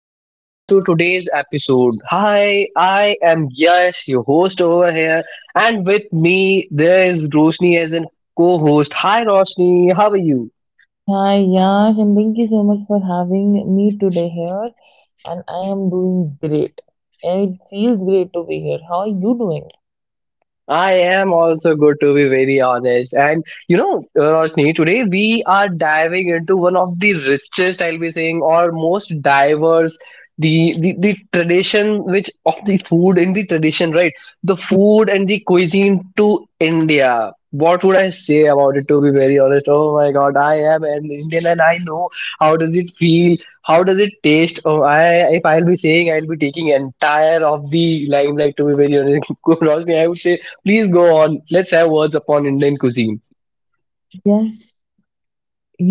and welcome to today's episode. Hi, I am Yash, your host over here, and with me there is Roshni as a co-host. Hi Roshni, how are you? Hi, Yash, and thank you so much for having me today here. And I am doing great. And it feels great to be here. How are you doing? I am also good to be very honest. And Roshni, today we are diving into one of the richest, I'll be saying, or most diverse the tradition which of the food in the tradition, right? The food and the cuisine to India. What would I say about it to be very honest? Oh my god, I am an Indian and I know how does it feel, how does it taste? Oh, I if I'll be saying I'll be taking entire of the limelight to be very honest. Roshni, I would say please go on. Let's have words upon Indian cuisine. Yes,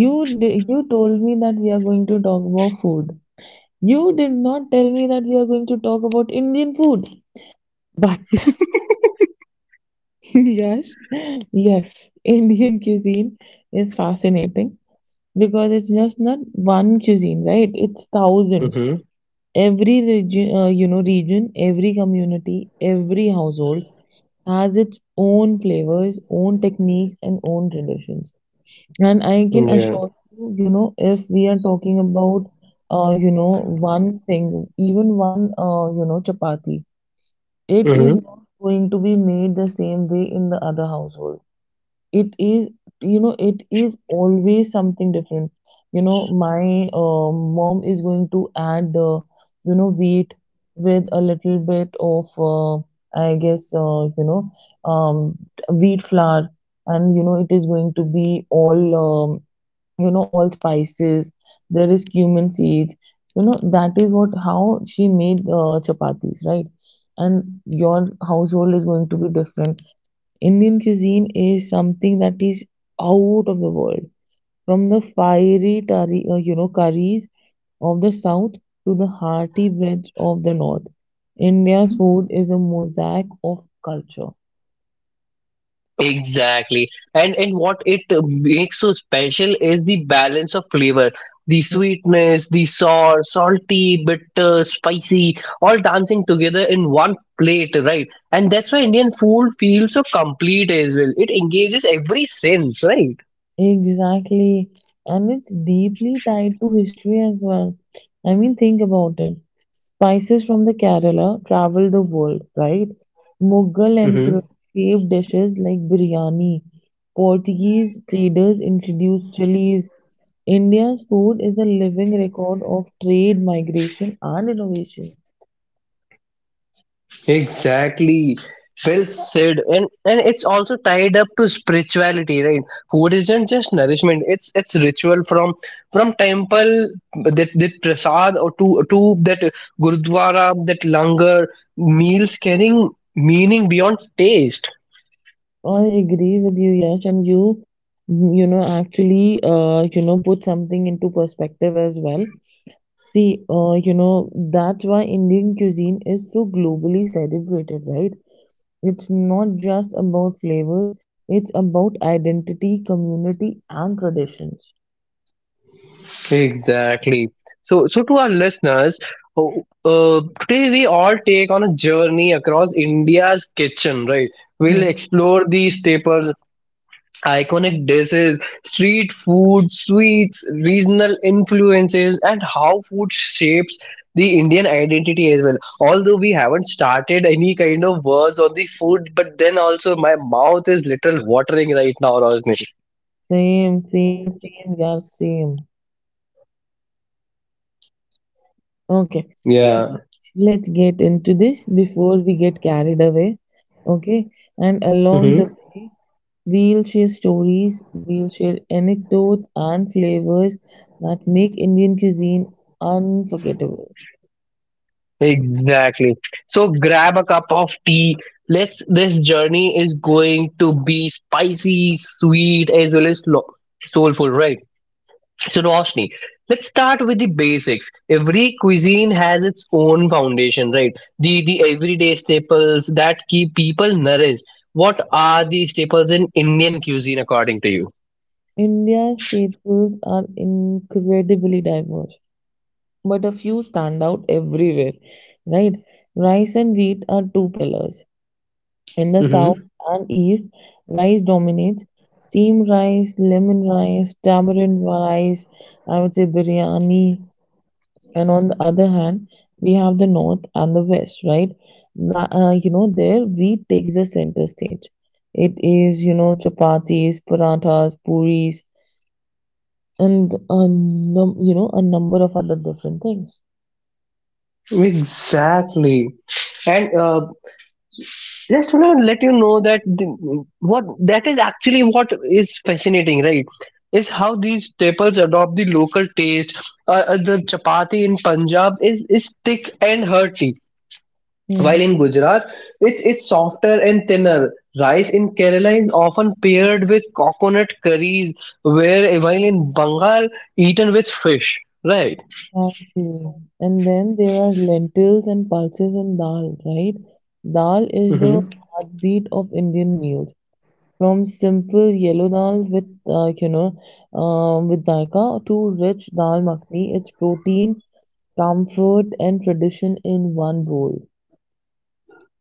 you told me that we are going to talk about food. You did not tell me that we are going to talk about Indian food. But yes, yes, Indian cuisine is fascinating because it's just not one cuisine, right? It's thousands. Mm-hmm. Every region, region, every community, every household has its own flavors, own techniques, and own traditions. And I can Yeah. assure you, if we are talking about, one thing, even one, chapati, it is Mm-hmm. not going to be made the same way in the other household. It is, it is always something different. You know, my mom is going to add wheat with a little bit of I guess, um, wheat flour. And you know it is going to be all all spices. There is cumin seeds. You know, that is what how she made chapatis, right? And your household is going to be different. Indian cuisine is something that is out of the world. From the fiery tari, curries of the south to the hearty breads of the north, India's food is a mosaic of culture. Exactly. And what it makes so special is the balance of flavor. The sweetness, the sour, salty, bitter, spicy, all dancing together in one plate, right? And that's why Indian food feels so complete as well. It engages every sense, right? Exactly. And it's deeply tied to history as well. I mean, think about it. Spices from the Kerala travel the world, right? Mughal emperors shaped dishes like biryani. Portuguese traders introduced chilies. India's food is a living record of trade, migration, and innovation. Exactly. Well said. And it's also tied up to spirituality, right? Food isn't just nourishment, it's ritual from temple that prasad or to that gurdwara, that langar, meals carrying meaning beyond taste. I agree with you, Yash, and actually, put something into perspective as well. See, that's why Indian cuisine is so globally celebrated, right? It's not just about flavors, it's about identity, community, and traditions. Exactly. So, to our listeners, oh, today we all take on a journey across India's kitchen, right? We'll Hmm. explore the staples, iconic dishes, street food, sweets, regional influences, and how food shapes the Indian identity as well. Although we haven't started any kind of words on the food, but then also my mouth is little watering right now, Rosni. Same, same, same, yeah, same. Okay, Yeah. let's get into this before we get carried away. Okay, and along the hmm way, we'll share stories, we'll share anecdotes and flavors that make Indian cuisine unforgettable. Exactly. So grab a cup of tea. Let's. This journey is going to be spicy, sweet, as well as soulful, right? So, Roshni, let's start with the basics. Every cuisine has its own foundation, right? The everyday staples that keep people nourished. What are the staples in Indian cuisine, according to you? India's statefuls are incredibly diverse, but a few stand out everywhere, right? Rice and wheat are two pillars. In the south Mm-hmm. and east, rice dominates. Steamed rice, lemon rice, tamarind rice, I would say biryani. And on the other hand, we have the north and the west, right? There wheat takes the center stage. It is, you know, chapatis, parathas, puris, and a number of other different things. Exactly. And just want to let you know what that is actually what is fascinating, right? Is how these staples adopt the local taste. The chapati in Punjab is thick and hearty, Hmm. while in Gujarat, it's softer and thinner. Rice in Kerala is often paired with coconut curries, where while in Bengal, eaten with fish. Right. Exactly. And then there are lentils and pulses and dal, right? Dal is the Mm-hmm. heartbeat of Indian meals. From simple yellow dal with with daika to rich dal makhni, it's protein, comfort, and tradition in one bowl.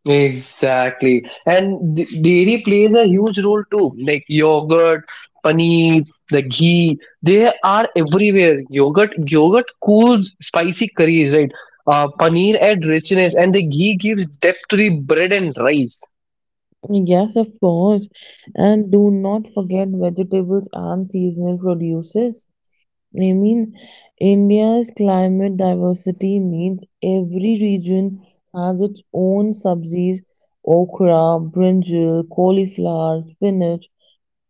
Exactly. And dairy plays a huge role too. Like yogurt, paneer, the ghee, they are everywhere. Yogurt cools spicy curries, right? Paneer adds richness, and the ghee gives depth to the bread and rice. Yes, of course. And do not forget vegetables and seasonal produces. I mean, India's climate diversity means every region has its own subsies, okra, brinjal, cauliflower, spinach.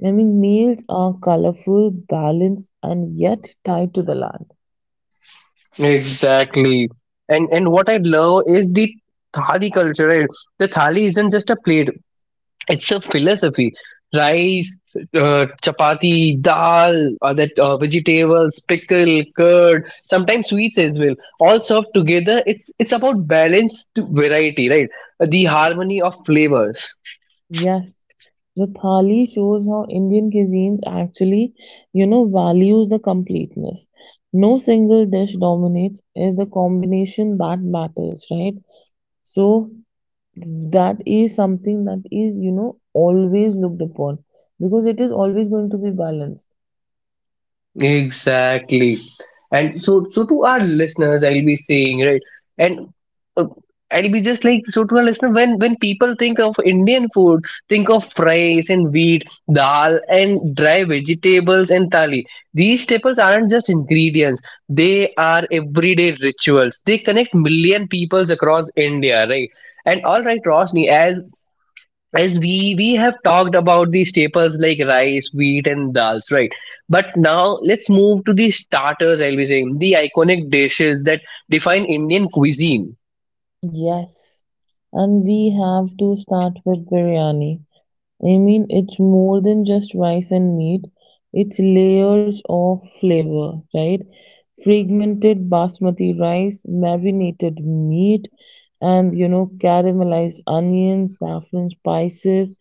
I mean, meals are colorful, balanced, and yet tied to the land. Exactly. And what I love is the thali culture, right? The thali isn't just a plate, it's a philosophy. Rice, chapati, dal, that vegetables, pickle, curd, sometimes sweets as well. All served together, it's about balanced variety, right? The harmony of flavors. Yes, the thali shows how Indian cuisines actually, values the completeness. No single dish dominates, it's the combination that matters, right? So that is something that is, always looked upon because it is always going to be balanced. Exactly. So, to our listeners, I'll be saying, right? And uh, I'll be just like, so to our listener, when people think of Indian food, think of rice and wheat, dal and dry vegetables and thali. These staples aren't just ingredients. They are everyday rituals. They connect million peoples across India, right? And all right, Rosni, as as we have talked about the staples like rice wheat and dals, right? But now let's move to the starters, I'll be saying, the iconic dishes that define Indian cuisine. Yes. And we have to start with biryani. I mean, it's more than just rice and meat. It's layers of flavor, right? Fragmented basmati rice, marinated meat, and you know, caramelized onions, saffron spices.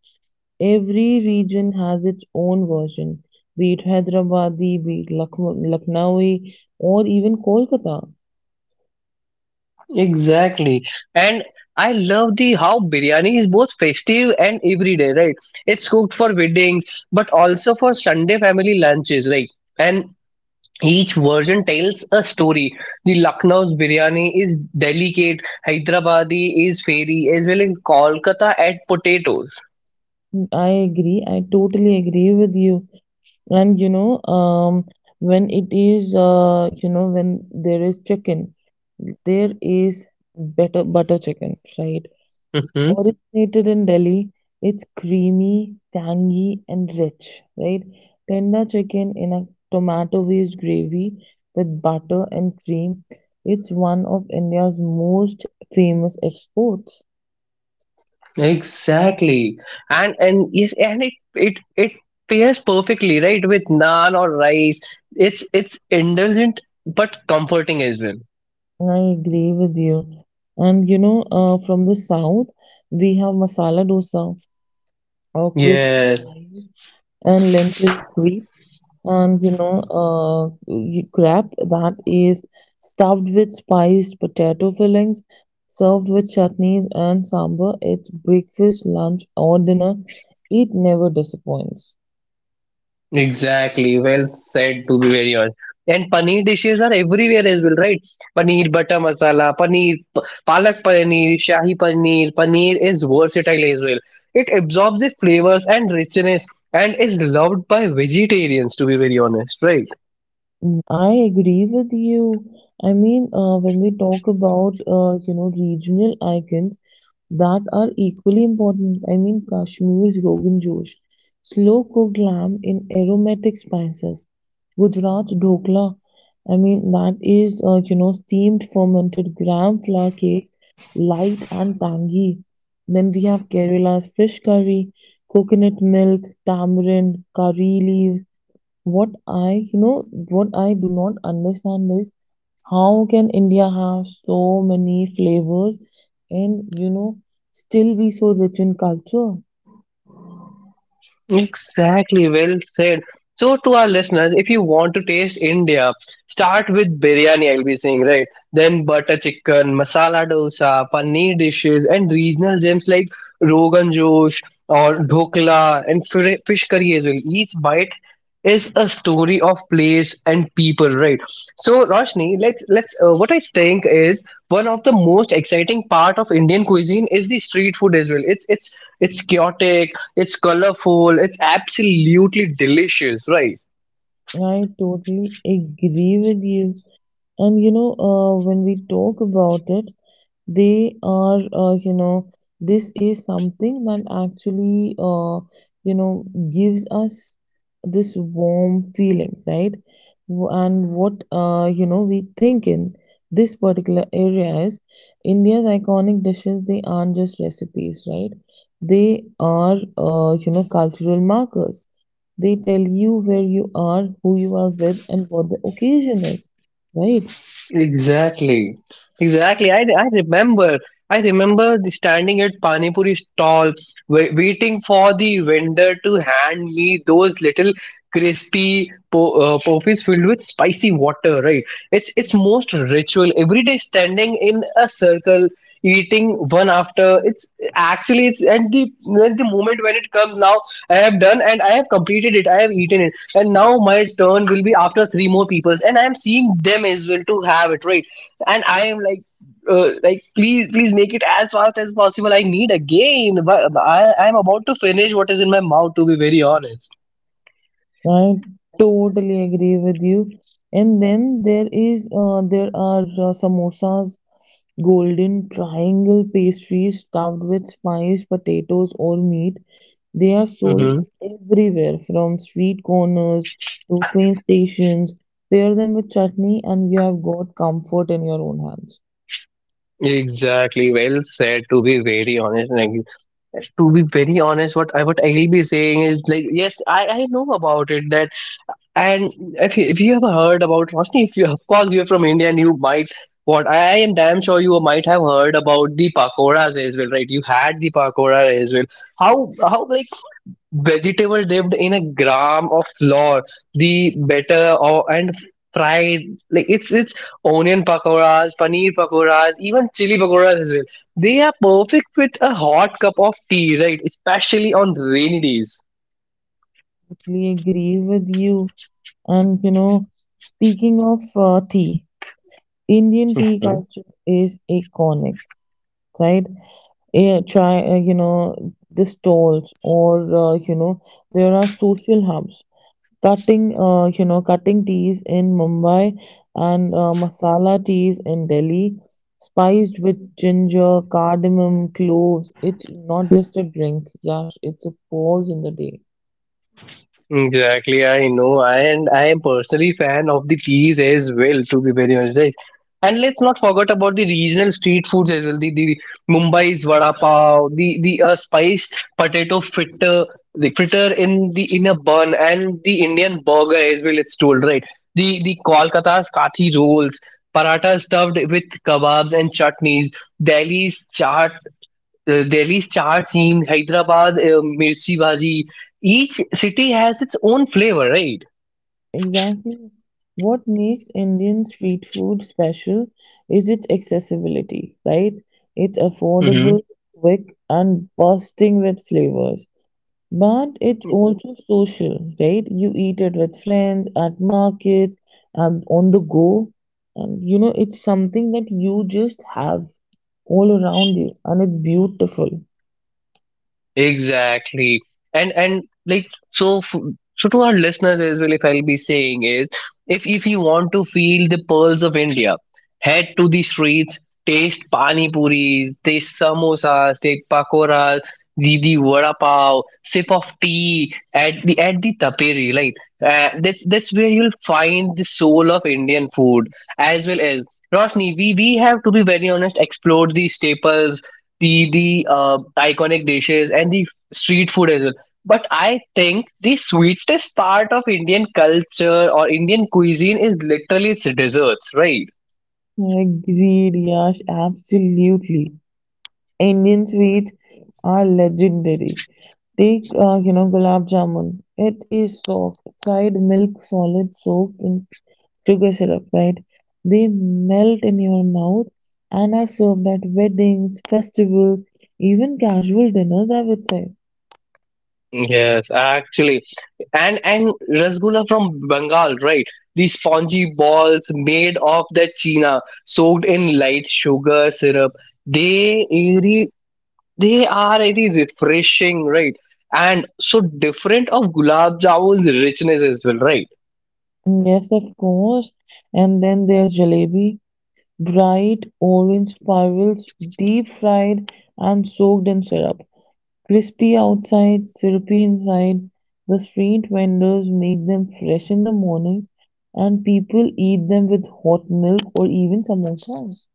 Every region has its own version, be it Hyderabadi, be it Lucknow, Lucknowi, or even Kolkata. Exactly. And I love the how biryani is both festive and everyday, right? It's cooked for weddings but also for Sunday family lunches, right? And each version tells a story. The Lucknow's biryani is delicate, Hyderabadi is fairy, as well as Kolkata at potatoes. I agree. I totally agree with you. And when it is when there is chicken, there is better butter chicken, right? Mhm. Originated in Delhi, it's creamy, tangy, and rich, right? Tender chicken in a tomato based gravy with butter and cream. It's one of India's most famous exports. Exactly, and yes, and it pairs perfectly, right, with naan or rice. It's indulgent but comforting as well. I agree with you. And from the south we have masala dosa or crispy Yes. rice and lentil creep. And uh, crab that is stuffed with spiced potato fillings, served with chutneys and sambar. It's breakfast, lunch, or dinner, it never disappoints. Exactly, well said to be very honest. And paneer dishes are everywhere as well, right? Paneer butter masala, palak paneer, shahi paneer, paneer is versatile as well. It absorbs the flavors and richness and is loved by vegetarians to be very honest, right? Mm, I agree with you. I mean, when we talk about regional icons that are equally important, I mean Kashmir's Rogan Josh, slow cooked lamb in aromatic spices, Gujarat's dhokla, I mean that is steamed fermented gram flour cake, light and tangy. Then we have Kerala's fish curry, coconut milk, tamarind, curry leaves. What I do not understand is how can India have so many flavors and, still be so rich in culture? Exactly, well said. So, to our listeners, if you want to taste India, start with biryani, I'll be saying, right? Then butter chicken, masala dosa, paneer dishes, and regional gems like Rogan Josh or Dhokla and fish curry as well. Each bite is a story of place and people, right? So, Roshni, let's let's. What I think is one of the most exciting part of Indian cuisine is the street food as well. It's chaotic, it's colorful. It's absolutely delicious, right? I totally agree with you. And, when we talk about it, they are this is something that actually you know gives us this warm feeling, right? And what you know we think in this particular area is India's iconic dishes, they aren't just recipes, right? They are cultural markers. They tell you where you are, who you are with, and what the occasion is, right? Exactly. Exactly. I remember the standing at Pani Puri stall, waiting for the vendor to hand me those little crispy pofis filled with spicy water. Right. It's most ritual. Every day, standing in a circle, eating one after. It's at the moment when it comes now. I have done and I have completed it. I have eaten it. And now my turn will be after three more peoples and I am seeing them as well to have it, right? And I am like, please please make it as fast as possible, I need a game. But I'm about to finish what is in my mouth to be very honest. I totally agree with you. And then there are samosas, golden triangle pastries stuffed with spice, potatoes, or meat. They are sold Mm-hmm. everywhere from street corners to train stations. Pair them with chutney and you have got comfort in your own hands. Exactly, well said. To be very honest, what I'll be saying is like yes, I know about it that and if you have heard about Roshni, if you of course you're from India and you might what I am damn sure you might have heard about the pakoras as well, right? You had the pakora as well. How like vegetables lived in a gram of flour, the better or and fried like it's onion pakoras, paneer pakoras, even chili pakoras as well. They are perfect with a hot cup of tea, right? Especially on rainy days. Totally agree with you. And you know, speaking of tea, Indian tea culture is iconic, right? Try the stalls or uh, you know there are social hubs. Cutting you know Cutting teas in Mumbai and masala teas in Delhi, spiced with ginger, cardamom, cloves. It's not just a drink, Yash, it's a pause in the day. Exactly, I know, and I am personally fan of the teas as well. To be very honest, right? And let's not forget about the regional street foods as well. The Mumbai's vada pav, the spiced potato fritter, the fritter in the in a bun, and the Indian burger as well. It's told, right? The Kolkata's kathi rolls, paratha stuffed with kebabs and chutneys, Delhi's chaat, Delhi's chaat scene, Hyderabad, mirchi bhaji. Each city has its own flavor, right? Exactly. What makes Indian street food special is its accessibility, right? It's Mm-hmm. affordable, quick, and bursting with flavors. But it's also social, right? You eat it with friends, at markets, and on the go. And you know, it's something that you just have all around you, and it's beautiful. Exactly. And like so f so To our listeners as well, if I'll be saying is, if you want to feel the pearls of India, head to the streets, taste pani puris, taste samosas, taste pakoras, the vada pav, sip of tea at the taperi, right? That's where you'll find the soul of Indian food as well. As Rosni, we have to be very honest, explored the staples, the iconic dishes and the street food as well. But I think the sweetest part of Indian culture or Indian cuisine is literally its desserts, right? Agreed, Yash, absolutely. Indian sweets are legendary. Take, gulab jamun. It is soft, fried milk solid soaked in sugar syrup, right? They melt in your mouth and are served at weddings, festivals, even casual dinners, I would say. Yes, actually, and rasgulla from Bengal, right? The spongy balls made of the china, soaked in light sugar syrup. They really, they are really refreshing, right? And so different of gulab jamun's richness as well, right? Mm, yes, of course. And then there's jalebi. Bright orange spirals, deep fried and soaked in syrup. Crispy outside, syrupy inside. The street vendors make them fresh in the mornings and people eat them with hot milk or even samosas.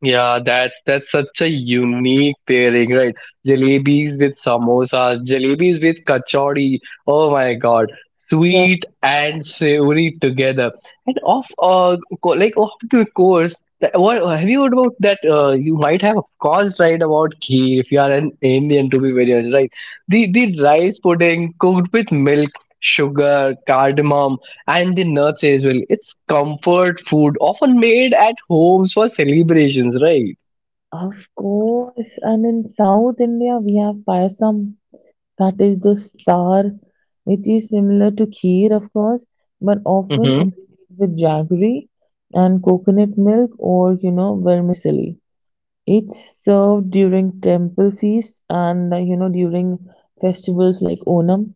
Yeah, that's such a unique pairing, right? Jalebis with samosas, jalebis with kachori. Oh my god, The, sweet and savory together. And of co- like Of the course. That, what Have you heard about that? You might have of course right about kheer if you are an Indian, to be very honest, right? The rice pudding cooked with milk, sugar, cardamom and the nuts as well. It's comfort food, often made at homes for celebrations, right? of course, and in South India we have payasam, that is the star. It is similar to kheer, of course, but often it's Mm-hmm. made with jaggery and coconut milk or you know vermicelli. It's served during temple feasts and, during festivals like Onam.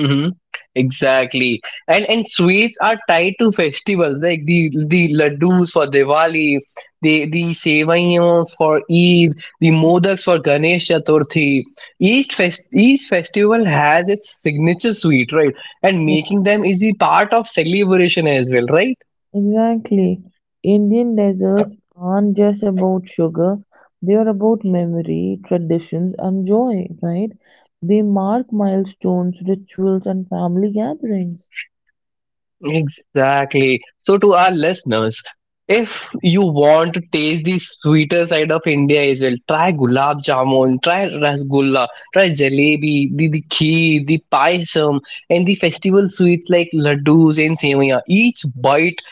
Mm-hmm. Exactly, and sweets are tied to festivals like the laddus for Diwali, the sevaiyans for Eid, the modaks for Ganesh Chaturthi. Each festival has its signature sweet, right? And making them is the part of celebration as well, right? Exactly. Indian desserts aren't just about sugar, they are about memory, traditions, and joy, right? They mark milestones, rituals, and family gatherings. Exactly. So, to our listeners, if you want to taste the sweeter side of India as well, try gulab jamun, try rasgulla, try jalebi, the kheer, the payasam, and the festival sweets like laddus and semiya. Each bite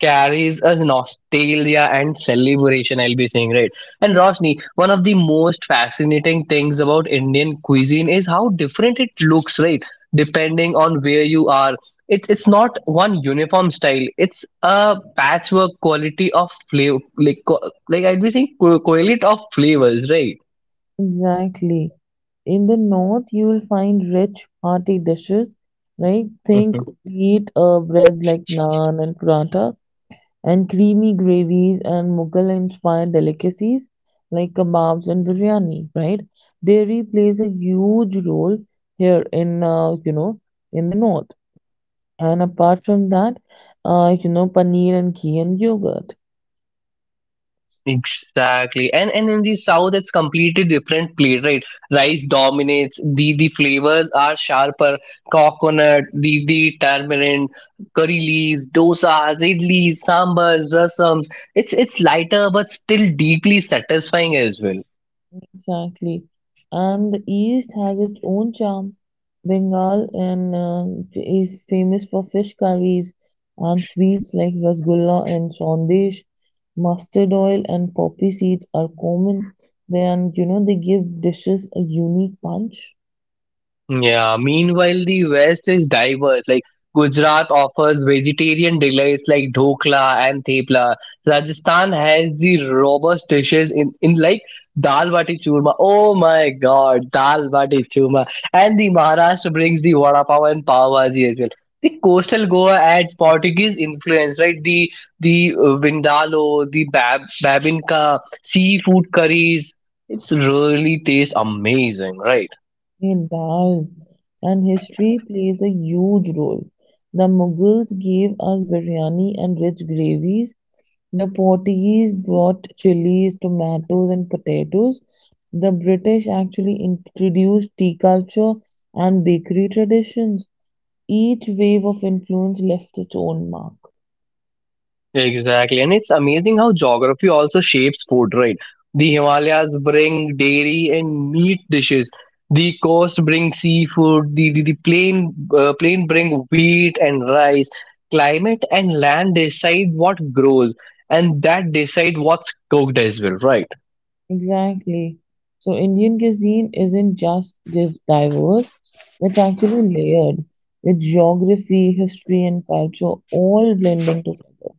carries a nostalgia and celebration, I'll be saying, right? And Roshni, one of the most fascinating things about Indian cuisine is how different it looks, right? Depending on where you are, it's not one uniform style. It's a patchwork quality of flavor, like I'll be saying correlate of flavors, right? Exactly. In the north, you will find rich hearty dishes, right? Think wheat breads like naan and paratha, and creamy gravies and Mughal-inspired delicacies like kebabs and biryani, right? Dairy plays a huge role here in in the north. And apart from that, paneer and ghee and yogurt. Exactly. And in the south it's completely different plate, right? Rice dominates, the flavors are sharper, coconut, the tamarind, curry leaves, dosas, idlis, sambars, rasams. It's lighter but still deeply satisfying as well. Exactly. And the East has its own charm. Bengal and is famous for fish curries and sweets like rasgulla and sandesh. Mustard oil and poppy seeds are common. Then, you know, they give dishes a unique punch. Yeah, meanwhile, the West is diverse. Like Gujarat offers vegetarian delights like dhokla and thepla. Rajasthan has the robust dishes in like dal bati churma. Oh my god, dal bati churma. And the Maharashtra brings the vada pav and pav bhaji as well. The coastal Goa adds Portuguese influence, right? The vindaloo, the babinka, seafood curries. It's really tastes amazing, right? It does. And history plays a huge role. The Mughals gave us biryani and rich gravies. The Portuguese brought chilies, tomatoes, and potatoes. The British actually introduced tea culture and bakery traditions. Each wave of influence left its own mark. Exactly. And it's amazing how geography also shapes food, right? The Himalayas bring dairy and meat dishes. The coast brings seafood. The plain bring wheat and rice. Climate and land decide what grows and that decide what's cooked as well, right? Exactly. So Indian cuisine isn't just dis diverse, it's actually layered with geography, history, and culture all blending together.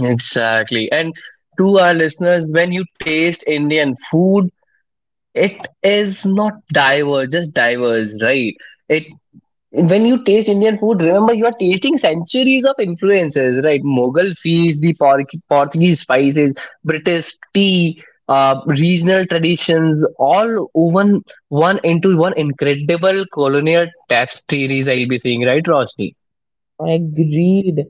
Exactly. And to our listeners, when you taste Indian food, it is not diverse, just diverse, right? It When you taste Indian food, remember you are tasting centuries of influences, right? Mughal feast, the Portuguese spices, British tea, regional traditions, all woven one into one incredible colonial tapestries. I'll be saying, right, Roshni? Agreed.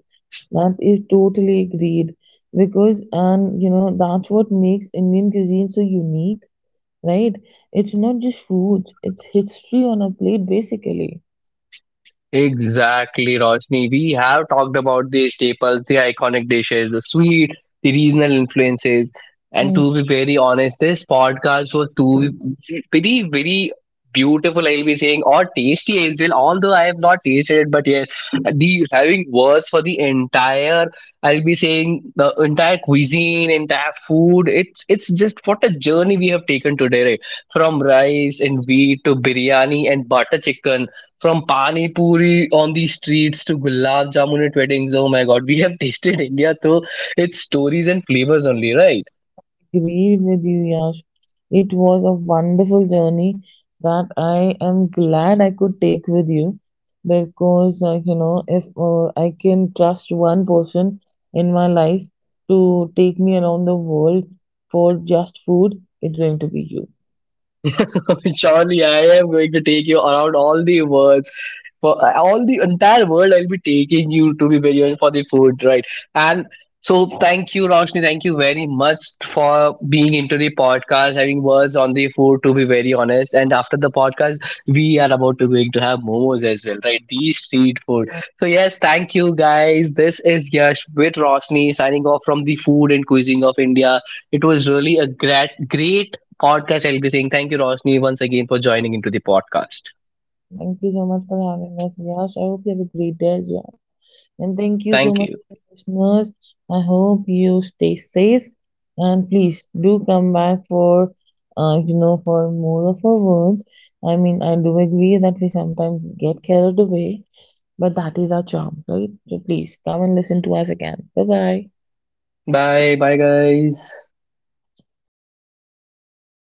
That is totally agreed. Because, and you know, that's what makes Indian cuisine so unique, right? It's not just foods, it's history on a plate, basically. Exactly, Roshni. We have talked about the staples, the iconic dishes, the sweet, the regional influences. And Mm, to be very honest, this podcast was too very, very beautiful, I'll be saying, or tasty as well. Although I have not tasted it, but yes, the having words for the entire, I'll be saying, the entire cuisine, entire food. It's just what a journey we have taken today, right? From rice and wheat to biryani and butter chicken, from Pani Puri on the streets to Gulab Jamun at weddings. Oh my god, we have tasted India through its stories and flavors only, right? agreed with you, Yash. It was a wonderful journey that I am glad I could take with you because, you know, if I can trust one person in my life to take me around the world for just food, it's going to be you. Surely, I am going to take you around all the worlds. For all the entire world, I'll be taking you to be very honest for the food, right? And so, thank you, Roshni. Thank you very much for being into the podcast, having words on the food, to be very honest. And after the podcast, we are about to going to have momos as well, right? The street food. So, yes, thank you, guys. This is Yash with Roshni signing off from the food and cuisine of India. It was really a great podcast, I'll be saying. Thank you, Rosni, once again for joining into the podcast. Thank you so much for having us, Yash. I hope you have a great day as well. And thank you so Thank much you. to the listeners. I hope you stay safe and please do come back for for more of our words. I mean, I do agree that we sometimes get carried away, but that is our charm, right? So please come and listen to us again. Bye bye. Bye. Bye, guys.